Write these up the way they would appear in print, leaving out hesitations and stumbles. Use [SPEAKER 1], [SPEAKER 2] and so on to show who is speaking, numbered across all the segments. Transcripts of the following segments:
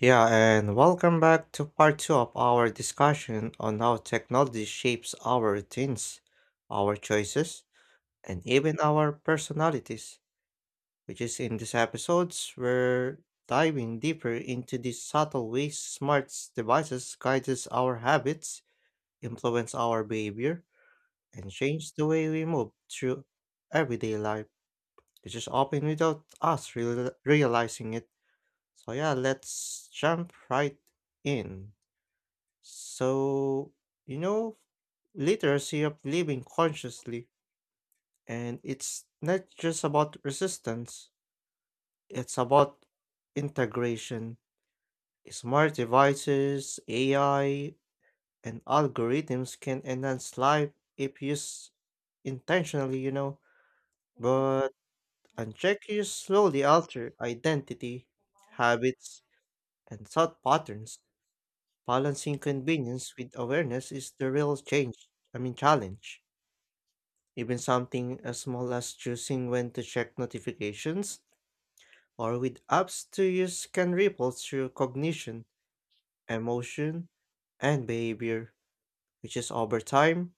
[SPEAKER 1] Yeah, and welcome back to part two of our discussion on how technology shapes our routines, our choices, and even our personalities, which is in these episodes, we're diving deeper into the subtle ways smart devices guides our habits, influence our behavior, and change the way we move through everyday life, which is often without us realizing it. So yeah, let's jump right in. So, you know, literacy of living consciously, and it's not just about resistance, it's about integration. Smart devices, AI, and algorithms can enhance life if used intentionally, but unchecked use slowly alter identity, habits, and thought patterns. Balancing convenience with awareness is the real challenge. Even something as small as choosing when to check notifications or with apps to use can ripple through cognition, emotion, and behavior, which is over time,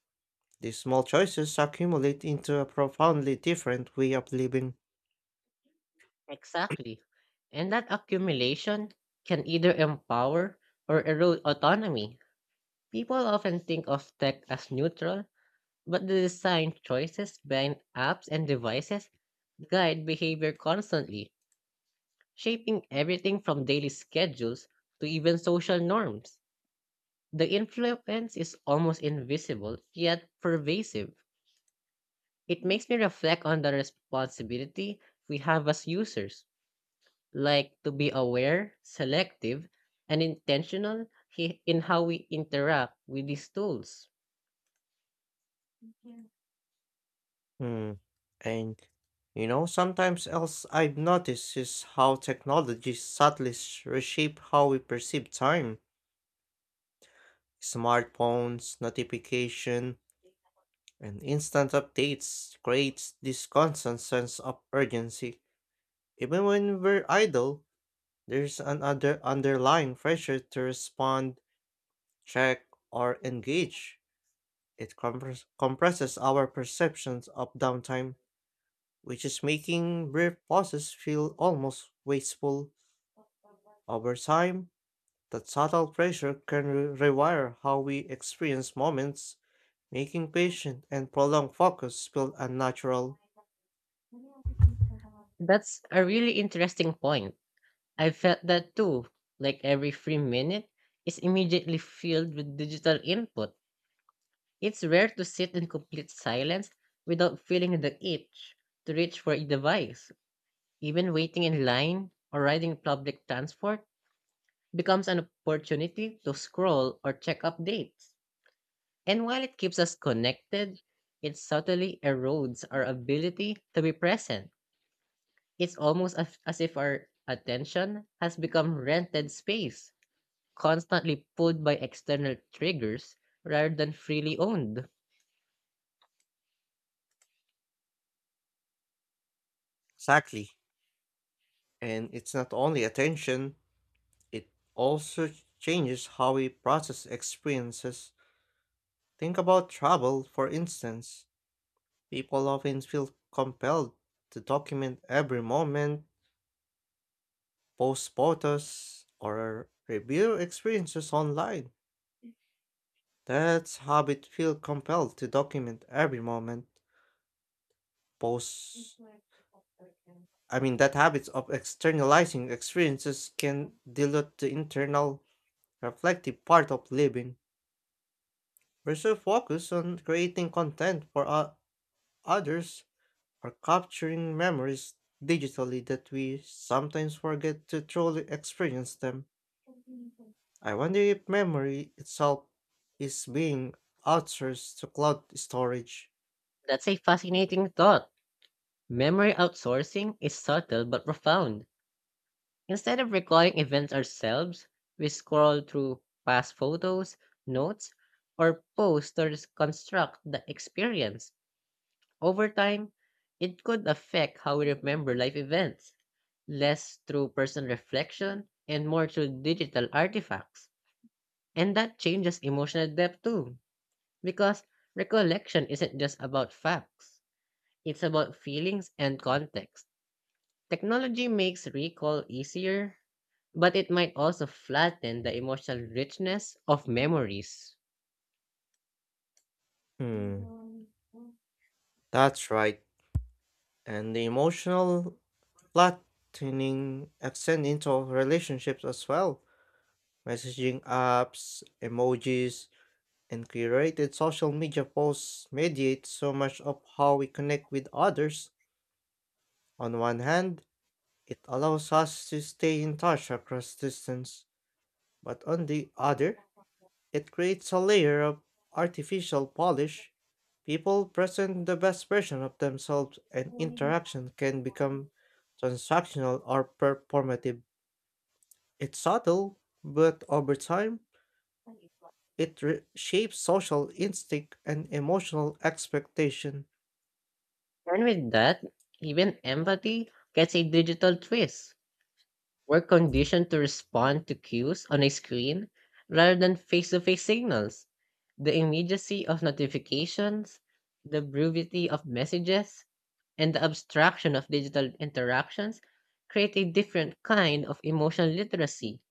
[SPEAKER 1] these small choices accumulate into a profoundly different way of living.
[SPEAKER 2] Exactly. And that accumulation can either empower or erode autonomy. People often think of tech as neutral, but the design choices behind apps and devices guide behavior constantly, shaping everything from daily schedules to even social norms. The influence is almost invisible yet pervasive. It makes me reflect on the responsibility we have as users, like to be aware, selective, and intentional in how we interact with these tools.
[SPEAKER 1] Hmm. And you know, sometimes else I've noticed is how technology subtly reshape how we perceive time. Smartphones, notification, and instant updates creates this constant sense of urgency. Even when we're idle, there's an underlying pressure to respond, check, or engage. Compresses our perceptions of downtime, which is making brief pauses feel almost wasteful. Over time, that subtle pressure can rewire how we experience moments, making patient and prolonged focus feel unnatural.
[SPEAKER 2] That's a really interesting point. I felt that too. Like every free minute is immediately filled with digital input. It's rare to sit in complete silence without feeling the itch to reach for a device. Even waiting in line or riding public transport becomes an opportunity to scroll or check updates. And while it keeps us connected, it subtly erodes our ability to be present. It's almost as if our attention has become rented space, constantly pulled by external triggers rather than freely owned.
[SPEAKER 1] Exactly. And it's not only attention, it also changes how we process experiences. Think about travel, for instance. People often feel compelled to document every moment, post photos, or review experiences online. That's habit feel compelled to document every moment, post I mean That habits of externalizing experiences can dilute the internal reflective part of living. We're so focused on creating content for others or capturing memories digitally that we sometimes forget to truly experience them. I wonder if memory itself is being outsourced to cloud storage.
[SPEAKER 2] That's a fascinating thought. Memory outsourcing is subtle but profound. Instead of recalling events ourselves, we scroll through past photos, notes, or posts to reconstruct the experience. Over time, it could affect how we remember life events, less through personal reflection and more through digital artifacts. And that changes emotional depth too, because recollection isn't just about facts, it's about feelings and context. Technology makes recall easier, but it might also flatten the emotional richness of memories.
[SPEAKER 1] Hmm, that's right. And the emotional flattening extend into relationships as well. Messaging apps, emojis, and curated social media posts mediate so much of how we connect with others. On one hand, it allows us to stay in touch across distance, but on the other, it creates a layer of artificial polish. People present the best version of themselves, and interaction can become transactional or performative. It's subtle, but over time, it shapes social instinct and emotional expectation.
[SPEAKER 2] And with that, even empathy gets a digital twist. We're conditioned to respond to cues on a screen rather than face to face signals. The immediacy of notifications, the brevity of messages, and the abstraction of digital interactions create a different kind of emotional literacy.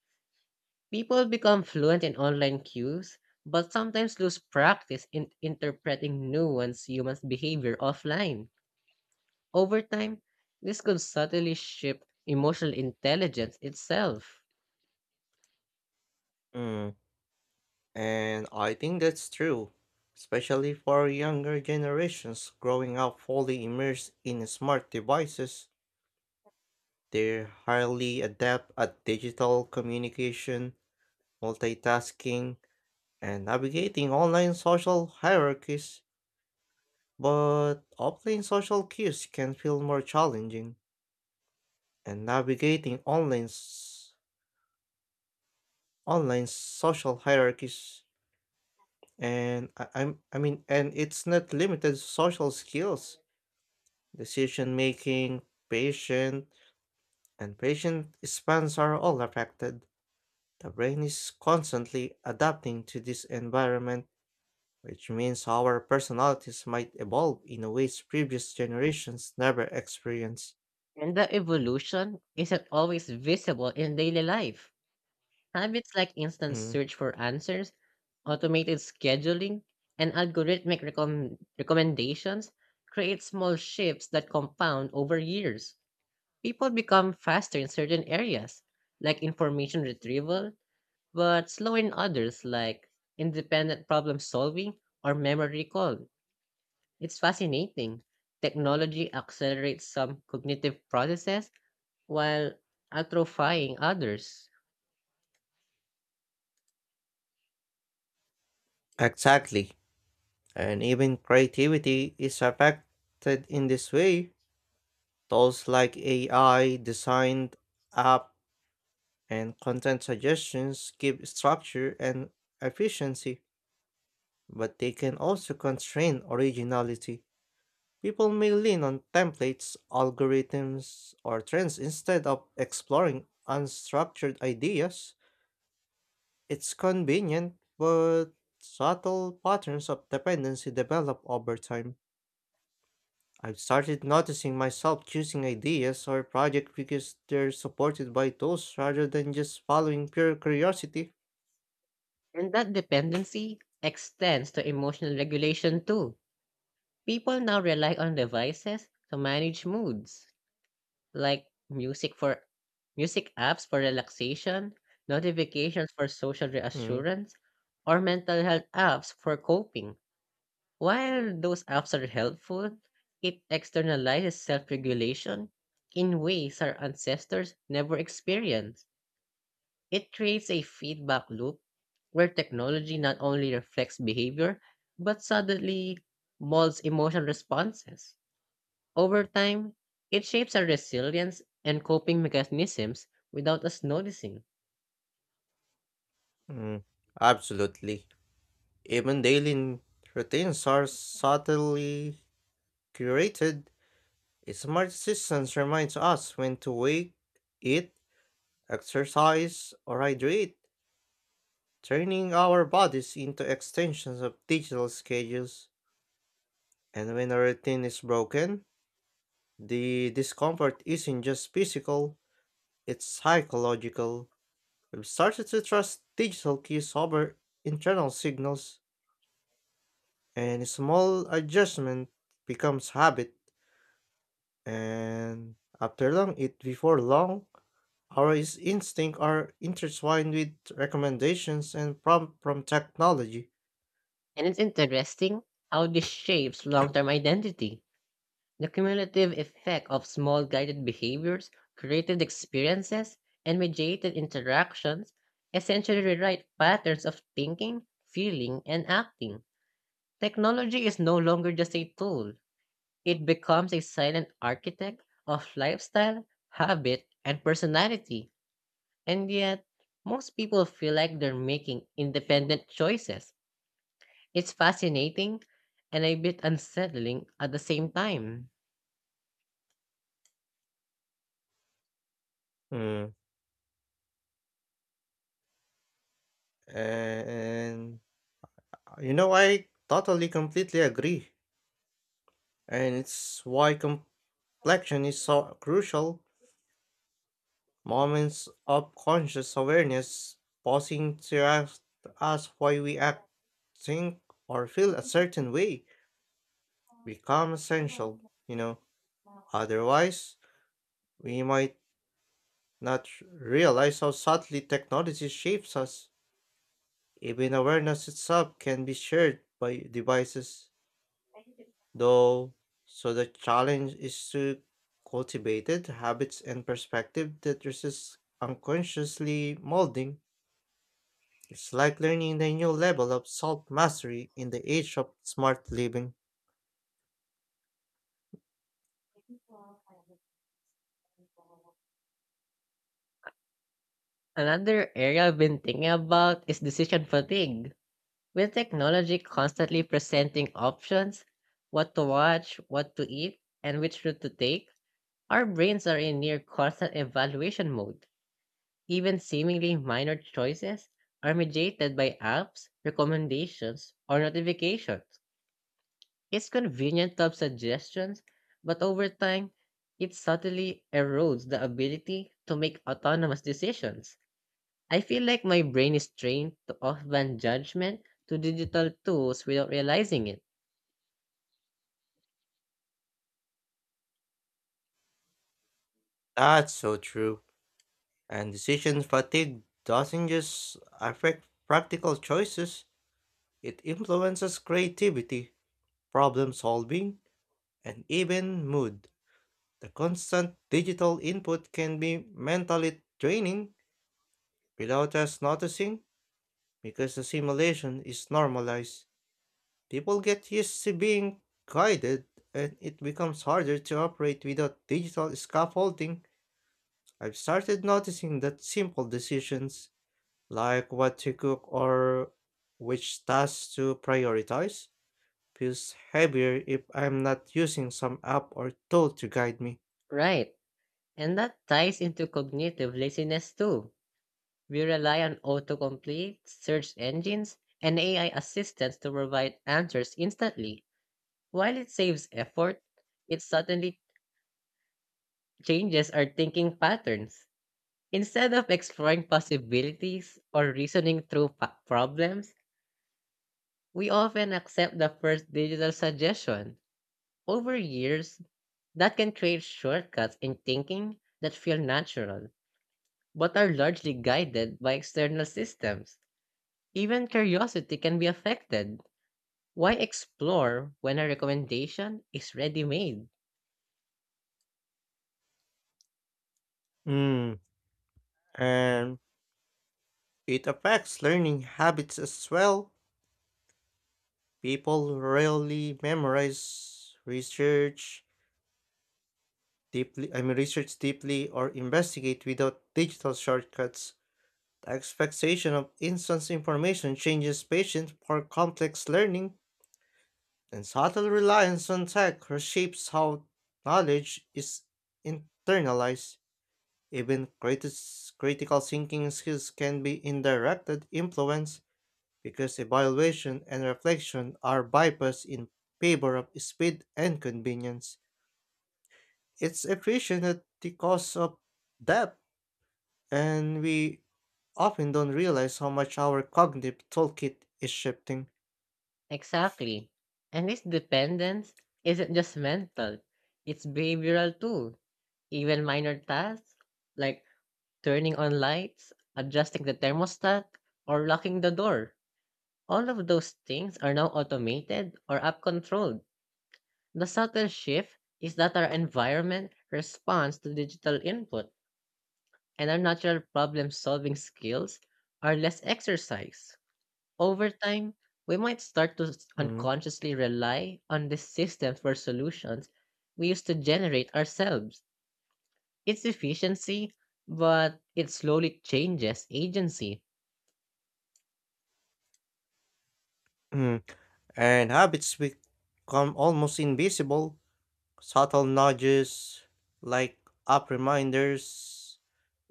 [SPEAKER 2] People become fluent in online cues, but sometimes lose practice in interpreting nuanced human behavior offline. Over time, this could subtly shift emotional intelligence itself.
[SPEAKER 1] Mm, and I think that's true, especially for younger generations growing up fully immersed in smart devices. They're highly adept at digital communication, multitasking, and navigating online social hierarchies. But offline social cues can feel more challenging, and navigating online s- online social hierarchies and I, I'm I mean and it's not limited to social skills. Decision making, patient, and patient spans are all affected. The brain is constantly adapting to this environment, which means our personalities might evolve in ways previous generations never experienced.
[SPEAKER 2] And the evolution isn't always visible in daily life. Habits like instant
[SPEAKER 1] Mm,
[SPEAKER 2] search for answers, automated scheduling, and algorithmic recommendations create small shifts that compound over years. People become faster in certain areas, like information retrieval, but slow in others, like independent problem solving or memory recall. It's fascinating. Technology accelerates some cognitive processes while atrophying others.
[SPEAKER 1] exactly. And even creativity is affected in this way. Tools like AI, designed app, and content suggestions give structure and efficiency, but they can also constrain originality. People may lean on templates, algorithms, or trends instead of exploring unstructured ideas. It's convenient, but subtle patterns of dependency develop over time. I've started noticing myself choosing ideas or projects because they're supported by tools rather than just following pure curiosity.
[SPEAKER 2] And that dependency extends to emotional regulation too. People now rely on devices to manage moods. Like music apps for relaxation, notifications for social
[SPEAKER 1] Mm,
[SPEAKER 2] reassurance, or mental health apps for coping. While those apps are helpful, it externalizes self regulation in ways our ancestors never experienced. It creates a feedback loop where technology not only reflects behavior but suddenly molds emotional responses. Over time, it shapes our resilience and coping mechanisms without us noticing.
[SPEAKER 1] mm, Absolutely. Even daily routines are subtly curated. A smart system reminds us when to wake, eat, exercise, or hydrate, turning our bodies into extensions of digital schedules. And when a routine is broken, the discomfort isn't just physical, it's psychological. We've started to trust digital cues over internal signals, and small adjustment becomes habit. And after long it before long, our instincts are intertwined with recommendations and prompt from technology.
[SPEAKER 2] And it's interesting how this shapes long term identity. The cumulative effect of small guided behaviors, created experiences, and mediated interactions essentially rewrite patterns of thinking, feeling, and acting. Technology is no longer just a tool, it becomes a silent architect of lifestyle, habit, and personality. And yet, most people feel like they're making independent choices. It's fascinating and a bit unsettling at the same time.
[SPEAKER 1] Mm. And I totally completely agree. And it's why complexion is so crucial. Moments of conscious awareness, pausing to ask why we act, think, or feel a certain way, become essential. You know, otherwise, we might not realize how subtly technology shapes us. Even awareness itself can be shared by devices, though, so the challenge is to cultivate it, habits and perspective that resist unconsciously molding. It's like learning a new level of self mastery in the age of smart living.
[SPEAKER 2] Another area I've been thinking about is decision fatigue. With technology constantly presenting options, what to watch, what to eat, and which route to take, our brains are in near constant evaluation mode. Even seemingly minor choices are mediated by apps, recommendations, or notifications. It's convenient to have suggestions, but over time, it subtly erodes the ability to make autonomous decisions. I feel like my brain is trained to offband judgment to digital tools without realizing it.
[SPEAKER 1] That's so true. And decision fatigue doesn't just affect practical choices, it influences creativity problem solving, and even mood. The constant digital input can be mentally draining without us noticing because the simulation is normalized. People get used to being guided, and it becomes harder to operate without digital scaffolding. I've started noticing that simple decisions like what to cook or which tasks to prioritize feels heavier if I'm not using some app or tool to guide me.
[SPEAKER 2] Right, and that ties into cognitive laziness too. We rely on autocomplete, search engines, and AI assistants to provide answers instantly. While it saves effort, it suddenly changes our thinking patterns. Instead of exploring possibilities or reasoning through problems, we often accept the first digital suggestion. Over years, that can create shortcuts in thinking that feel natural, but are largely guided by external systems. Even curiosity can be affected. Why explore when a recommendation is ready made?
[SPEAKER 1] Mm, and it affects learning habits as well. People rarely memorize, research deeply or investigate without digital shortcuts. The expectation of instant information changes patience for complex learning, and subtle reliance on tech reshapes how knowledge is internalized. Even critical thinking skills can be indirectly influenced because evaluation and reflection are bypassed in favor of speed and convenience. It's efficient at the cost of depth, and we often don't realize how much our cognitive toolkit is shifting.
[SPEAKER 2] Exactly. And this dependence isn't just mental, it's behavioral too. Even minor tasks like turning on lights, adjusting the thermostat, or locking the door. All of those things are now automated or app controlled. The subtle shift is that our environment responds to digital input and our natural problem solving skills are less exercised. Over time, we might start to
[SPEAKER 1] Mm,
[SPEAKER 2] unconsciously rely on the systems for solutions we used to generate ourselves. It's efficiency, but it slowly changes agency.
[SPEAKER 1] mm. And habits become almost invisible. Subtle nudges, like app reminders,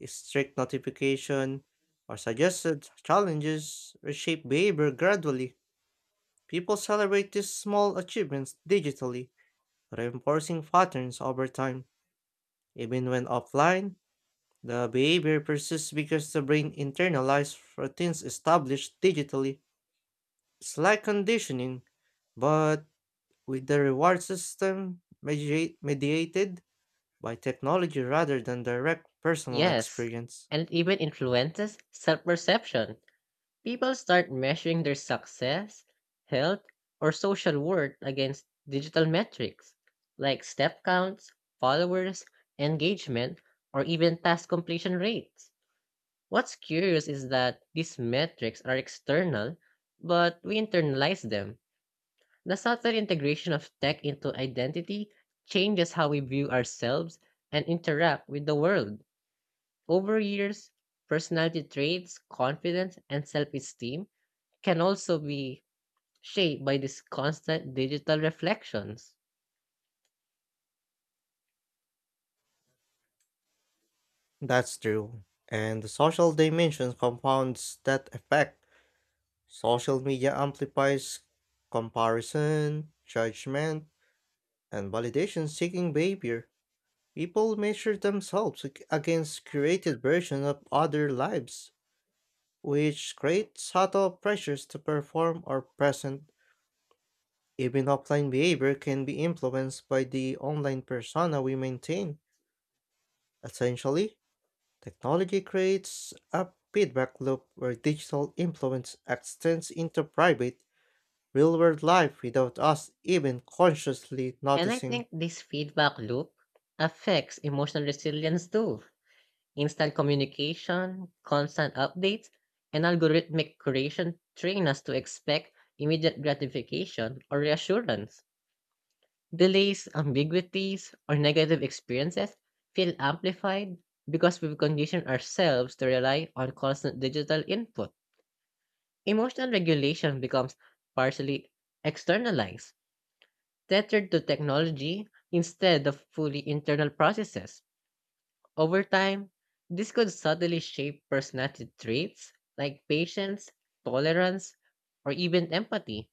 [SPEAKER 1] strict notification, or suggested challenges reshape behavior gradually. People celebrate these small achievements digitally, reinforcing patterns over time. Even when offline, the behavior persists because the brain internalizes routines established digitally. It's like conditioning, but with the reward system mediated by technology rather than direct personal
[SPEAKER 2] Yes,
[SPEAKER 1] experience.
[SPEAKER 2] and it even influences self perception. People start measuring their success, health, or social worth against digital metrics like step counts, followers, engagement, or even task completion rates. What's curious is that these metrics are external, but we internalize them. The subtle integration of tech into identity changes how we view ourselves and interact with the world. Over years, personality traits, confidence, and self esteem can also be shaped by these constant digital reflections.
[SPEAKER 1] That's true. And the social dimension compounds that effect. Social media amplifies comparison, judgment, and validation seeking behavior. People measure themselves against curated versions of other lives, which creates subtle pressures to perform or present. Even offline behavior can be influenced by the online persona we maintain. Essentially, technology creates a feedback loop where digital influence extends into private, real world life without us even consciously
[SPEAKER 2] And I
[SPEAKER 1] noticing.
[SPEAKER 2] think this feedback loop affects emotional resilience too. Instant communication, constant updates, and algorithmic curation train us to expect immediate gratification or reassurance. Delays, ambiguities, or negative experiences feel amplified because we've conditioned ourselves to rely on constant digital input. Emotional regulation becomes partially externalized, tethered to technology instead of fully internal processes. Over time, this could subtly shape personality traits like patience, tolerance, or even empathy.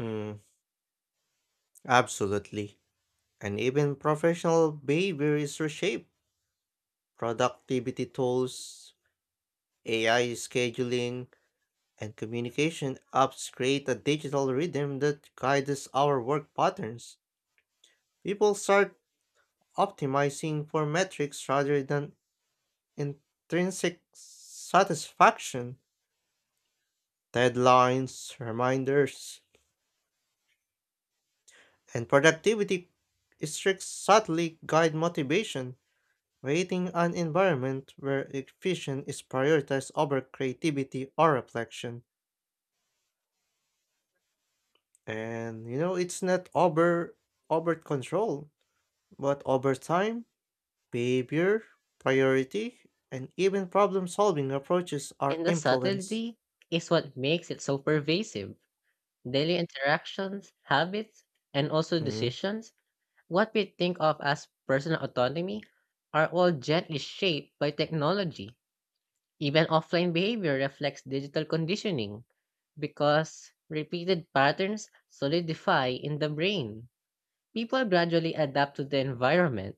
[SPEAKER 1] Mm, absolutely. And even professional behavior is reshaped. Productivity tools, AI scheduling, and communication apps create a digital rhythm that guides our work patterns. People start optimizing for metrics rather than intrinsic satisfaction, deadlines, reminders, and productivity streaks subtly guide motivation, creating an environment where efficiency is prioritized over creativity or reflection. And you know, it's not overt control, but over time, behavior, priority, and even problem solving approaches are
[SPEAKER 2] And the
[SPEAKER 1] influenced.
[SPEAKER 2] subtlety is what makes it so pervasive. Daily interactions, habits, and also
[SPEAKER 1] Mhm.
[SPEAKER 2] decisions, what we think of as personal autonomy, are all gently shaped by technology. Even offline behavior reflects digital conditioning because repeated patterns solidify in the brain. People gradually adapt to the environment,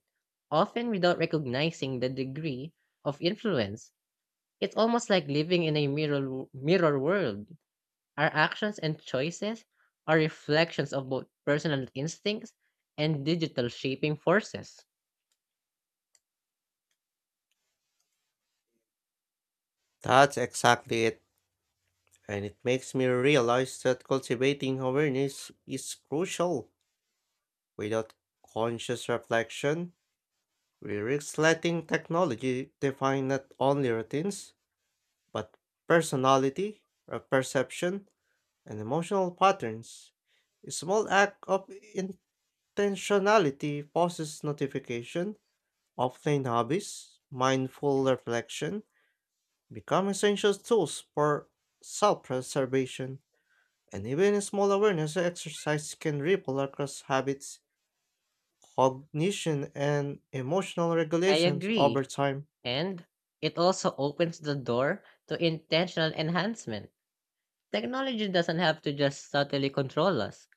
[SPEAKER 2] often without recognizing the degree of influence. It's almost like living in a mirror world. Our actions and choices are reflections of both personal instincts and digital shaping forces.
[SPEAKER 1] That's exactly it. And it makes me realize that cultivating awareness is crucial. Without conscious reflection, we risk letting technology define not only routines, but perception, and emotional patterns. A small act of intentionality pauses notification, offline hobbies, mindful reflection become essential tools for self preservation. And even a small awareness exercise can ripple across habits, cognition, and emotional
[SPEAKER 2] I
[SPEAKER 1] regulations
[SPEAKER 2] agree.
[SPEAKER 1] over time.
[SPEAKER 2] And it also opens the door to intentional enhancement. Technology doesn't have to just subtly control us.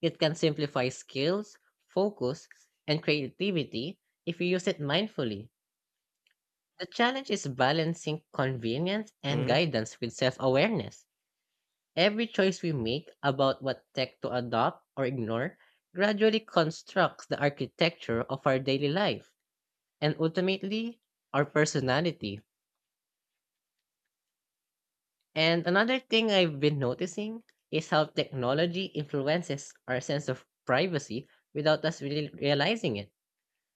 [SPEAKER 2] It can simplify skills, focus, and creativity if you use it mindfully. The challenge is balancing convenience and guidance with self awareness. Every choice we make about what tech to adopt or ignore gradually constructs the architecture of our daily life and ultimately our personality. And another thing I've been noticing is how technology influences our sense of privacy without us really realizing it.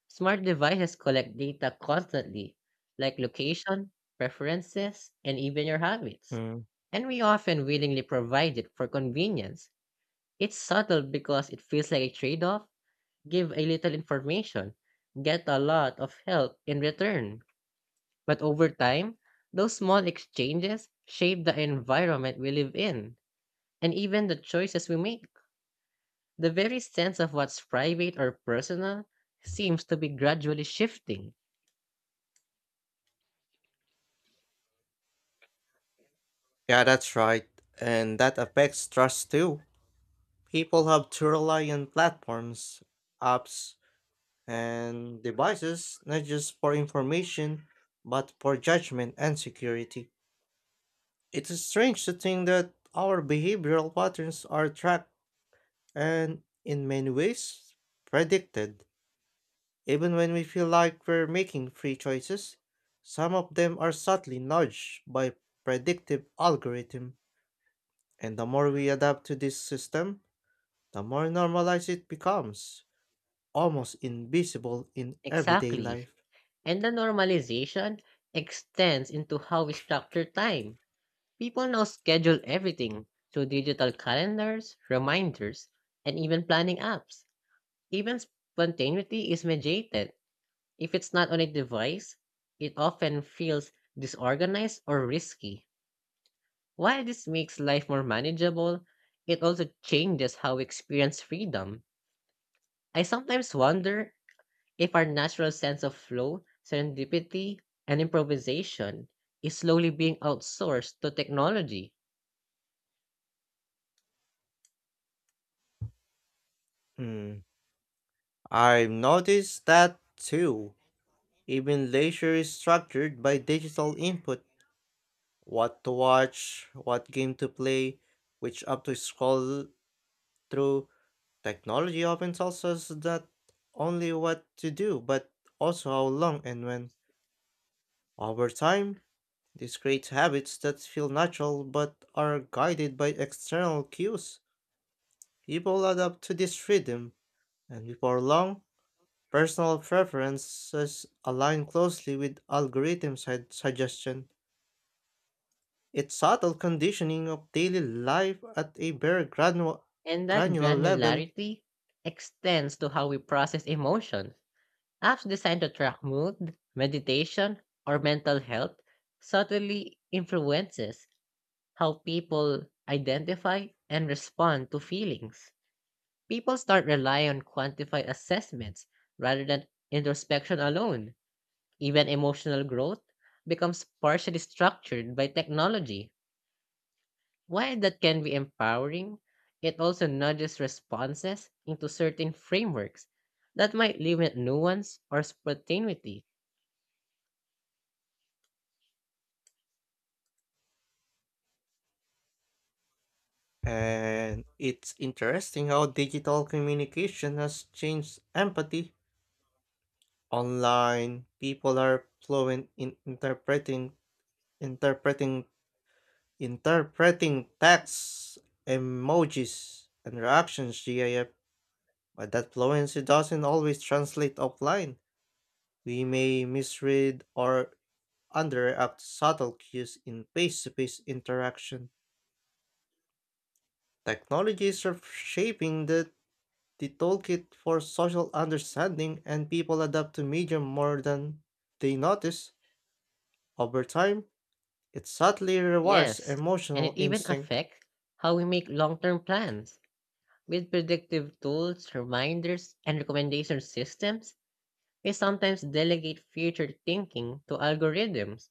[SPEAKER 2] Smart devices collect data constantly, like location, preferences, and even your habits.
[SPEAKER 1] Mm-hmm.
[SPEAKER 2] And we often willingly provide it for convenience. It's subtle because it feels like a trade off. Give a little information, get a lot of help in return. But over time, those small exchanges shape the environment we live in, and even the choices we make. The very sense of what's private or personal seems to be gradually shifting.
[SPEAKER 1] Yeah, that's right. And that affects trust too. People have to rely on platforms, apps, and devices not just for information, but for judgment and security. It is strange to think that our behavioral patterns are tracked and, in many ways, predicted. Even when we feel like we're making free choices, some of them are subtly nudged by predictive algorithm, and the more we adapt to this system, the more normalized it becomes, almost invisible in everyday
[SPEAKER 2] Exactly.
[SPEAKER 1] life.
[SPEAKER 2] And the normalization extends into how we structure time. People now schedule everything through digital calendars, reminders, and even planning apps. Even spontaneity is mediated. If it's not on a device, it often feels disorganized or risky. While this makes life more manageable, it also changes how we experience freedom. I sometimes wonder if our natural sense of flow, serendipity, and improvisation is slowly being outsourced to technology,
[SPEAKER 1] Hmm. I've noticed that too. Even leisure is structured by digital input. What to watch, what game to play, which app to scroll through, technology often tells us not only what to do, but also how long and when. Over time, this creates habits that feel natural but are guided by external cues. People adapt to this freedom, and before long, personal preferences align closely with algorithms' suggestion. It's subtle conditioning of daily life at a very
[SPEAKER 2] and that
[SPEAKER 1] granular level.
[SPEAKER 2] granularity extends to how we process emotions. Apps designed to track mood, meditation, or mental health subtly influences how people identify and respond to feelings. People start relying on quantified assessments rather than introspection alone. Even emotional growth becomes partially structured by technology. While that can be empowering, it also nudges responses into certain frameworks that might limit nuance or spontaneity.
[SPEAKER 1] And it's interesting how digital communication has changed empathy. Online, people are fluent in interpreting interpreting texts, emojis, and reactions GIF, but that fluency doesn't always translate offline. We may misread or underreact subtle cues in face-to-face interaction. Technology is shaping the toolkit for social understanding and people adapt to media more than they notice. Over time, it subtly rewires
[SPEAKER 2] Yes, and
[SPEAKER 1] emotional
[SPEAKER 2] it even
[SPEAKER 1] instinct.
[SPEAKER 2] affects how we make long term plans. With predictive tools, reminders, and recommendation systems, we sometimes delegate future thinking to algorithms.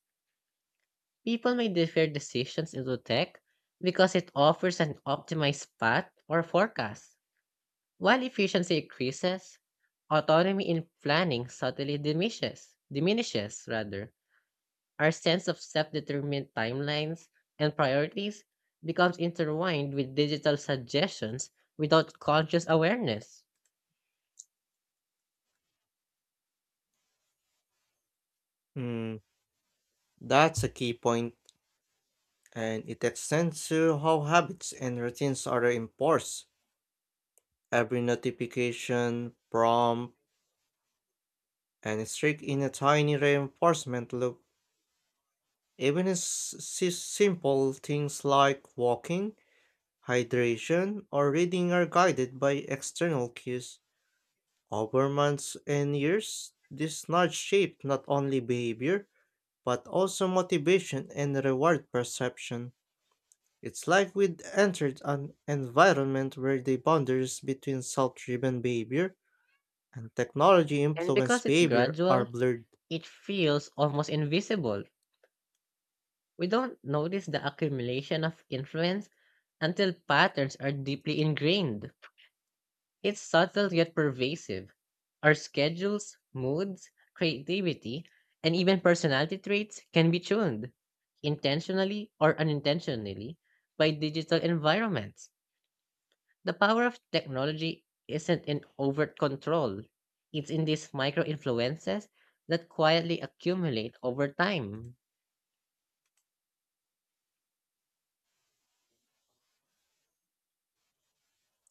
[SPEAKER 2] People may defer decisions into tech because it offers an optimized path or forecast, while efficiency increases, autonomy in planning subtly diminishes. Diminishes rather. Our sense of self-determined timelines and priorities becomes intertwined with digital suggestions without conscious awareness.
[SPEAKER 1] Hmm, that's a key point, and it extends to how habits and routines are enforced. Every notification, prompt, and streak in a tiny reinforcement loop. Even simple things like walking, hydration, or reading are guided by external cues. Over months and years, this nudge shaped not only behavior, but also motivation and reward perception. It's like we'd entered an environment where the boundaries between self driven behavior and technology
[SPEAKER 2] And
[SPEAKER 1] influenced
[SPEAKER 2] because it's
[SPEAKER 1] behavior are
[SPEAKER 2] gradual,
[SPEAKER 1] blurred,
[SPEAKER 2] it feels almost invisible. We don't notice the accumulation of influence until patterns are deeply ingrained. It's subtle yet pervasive. Our schedules, moods, creativity, and even personality traits can be tuned, intentionally or unintentionally, by digital environments. The power of technology isn't in overt control, it's in these micro influences that quietly accumulate over time.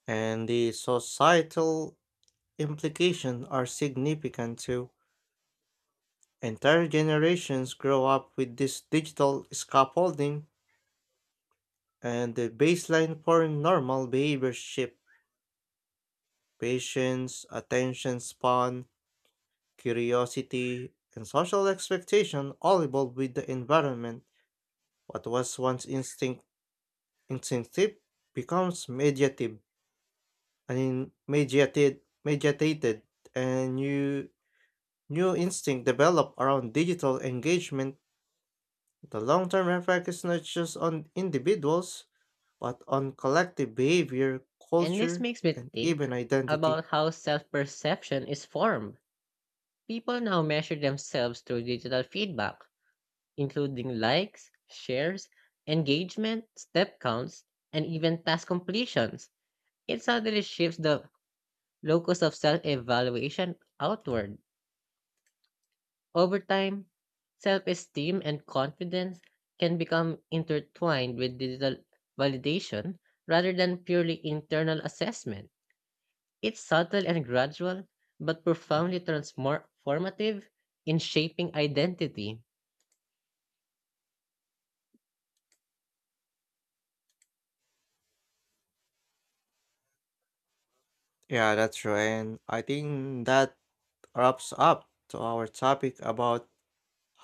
[SPEAKER 1] and the societal implications are significant too. Entire generations grow up with this digital scaffolding, and the baseline for normal behavior shift. Patience, attention span, curiosity, and social expectation all evolve with the environment. What was once instinctive becomes mediative, I mean mediated mediated and new instinct develop around digital engagement. The long term effect is not just on individuals, but on collective behavior,
[SPEAKER 2] And this
[SPEAKER 1] culture,
[SPEAKER 2] makes me
[SPEAKER 1] and
[SPEAKER 2] think
[SPEAKER 1] even identity.
[SPEAKER 2] about how self perception is formed. People now measure themselves through digital feedback, including likes, shares, engagement, step counts, and even task completions. It suddenly shifts the locus of self evaluation outward. Over time, self esteem and confidence can become intertwined with digital validation rather than purely internal assessment. It's subtle and gradual, but profoundly transformative in shaping identity.
[SPEAKER 1] Yeah, that's true, and I think that wraps up to our topic about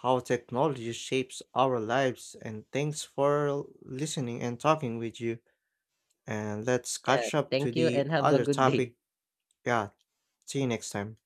[SPEAKER 1] how technology shapes our lives, and thanks for listening and talking with you, and let's
[SPEAKER 2] Yeah,
[SPEAKER 1] catch up to
[SPEAKER 2] thank you
[SPEAKER 1] the
[SPEAKER 2] and have a
[SPEAKER 1] other
[SPEAKER 2] good day.
[SPEAKER 1] topic. Yeah, see you next time.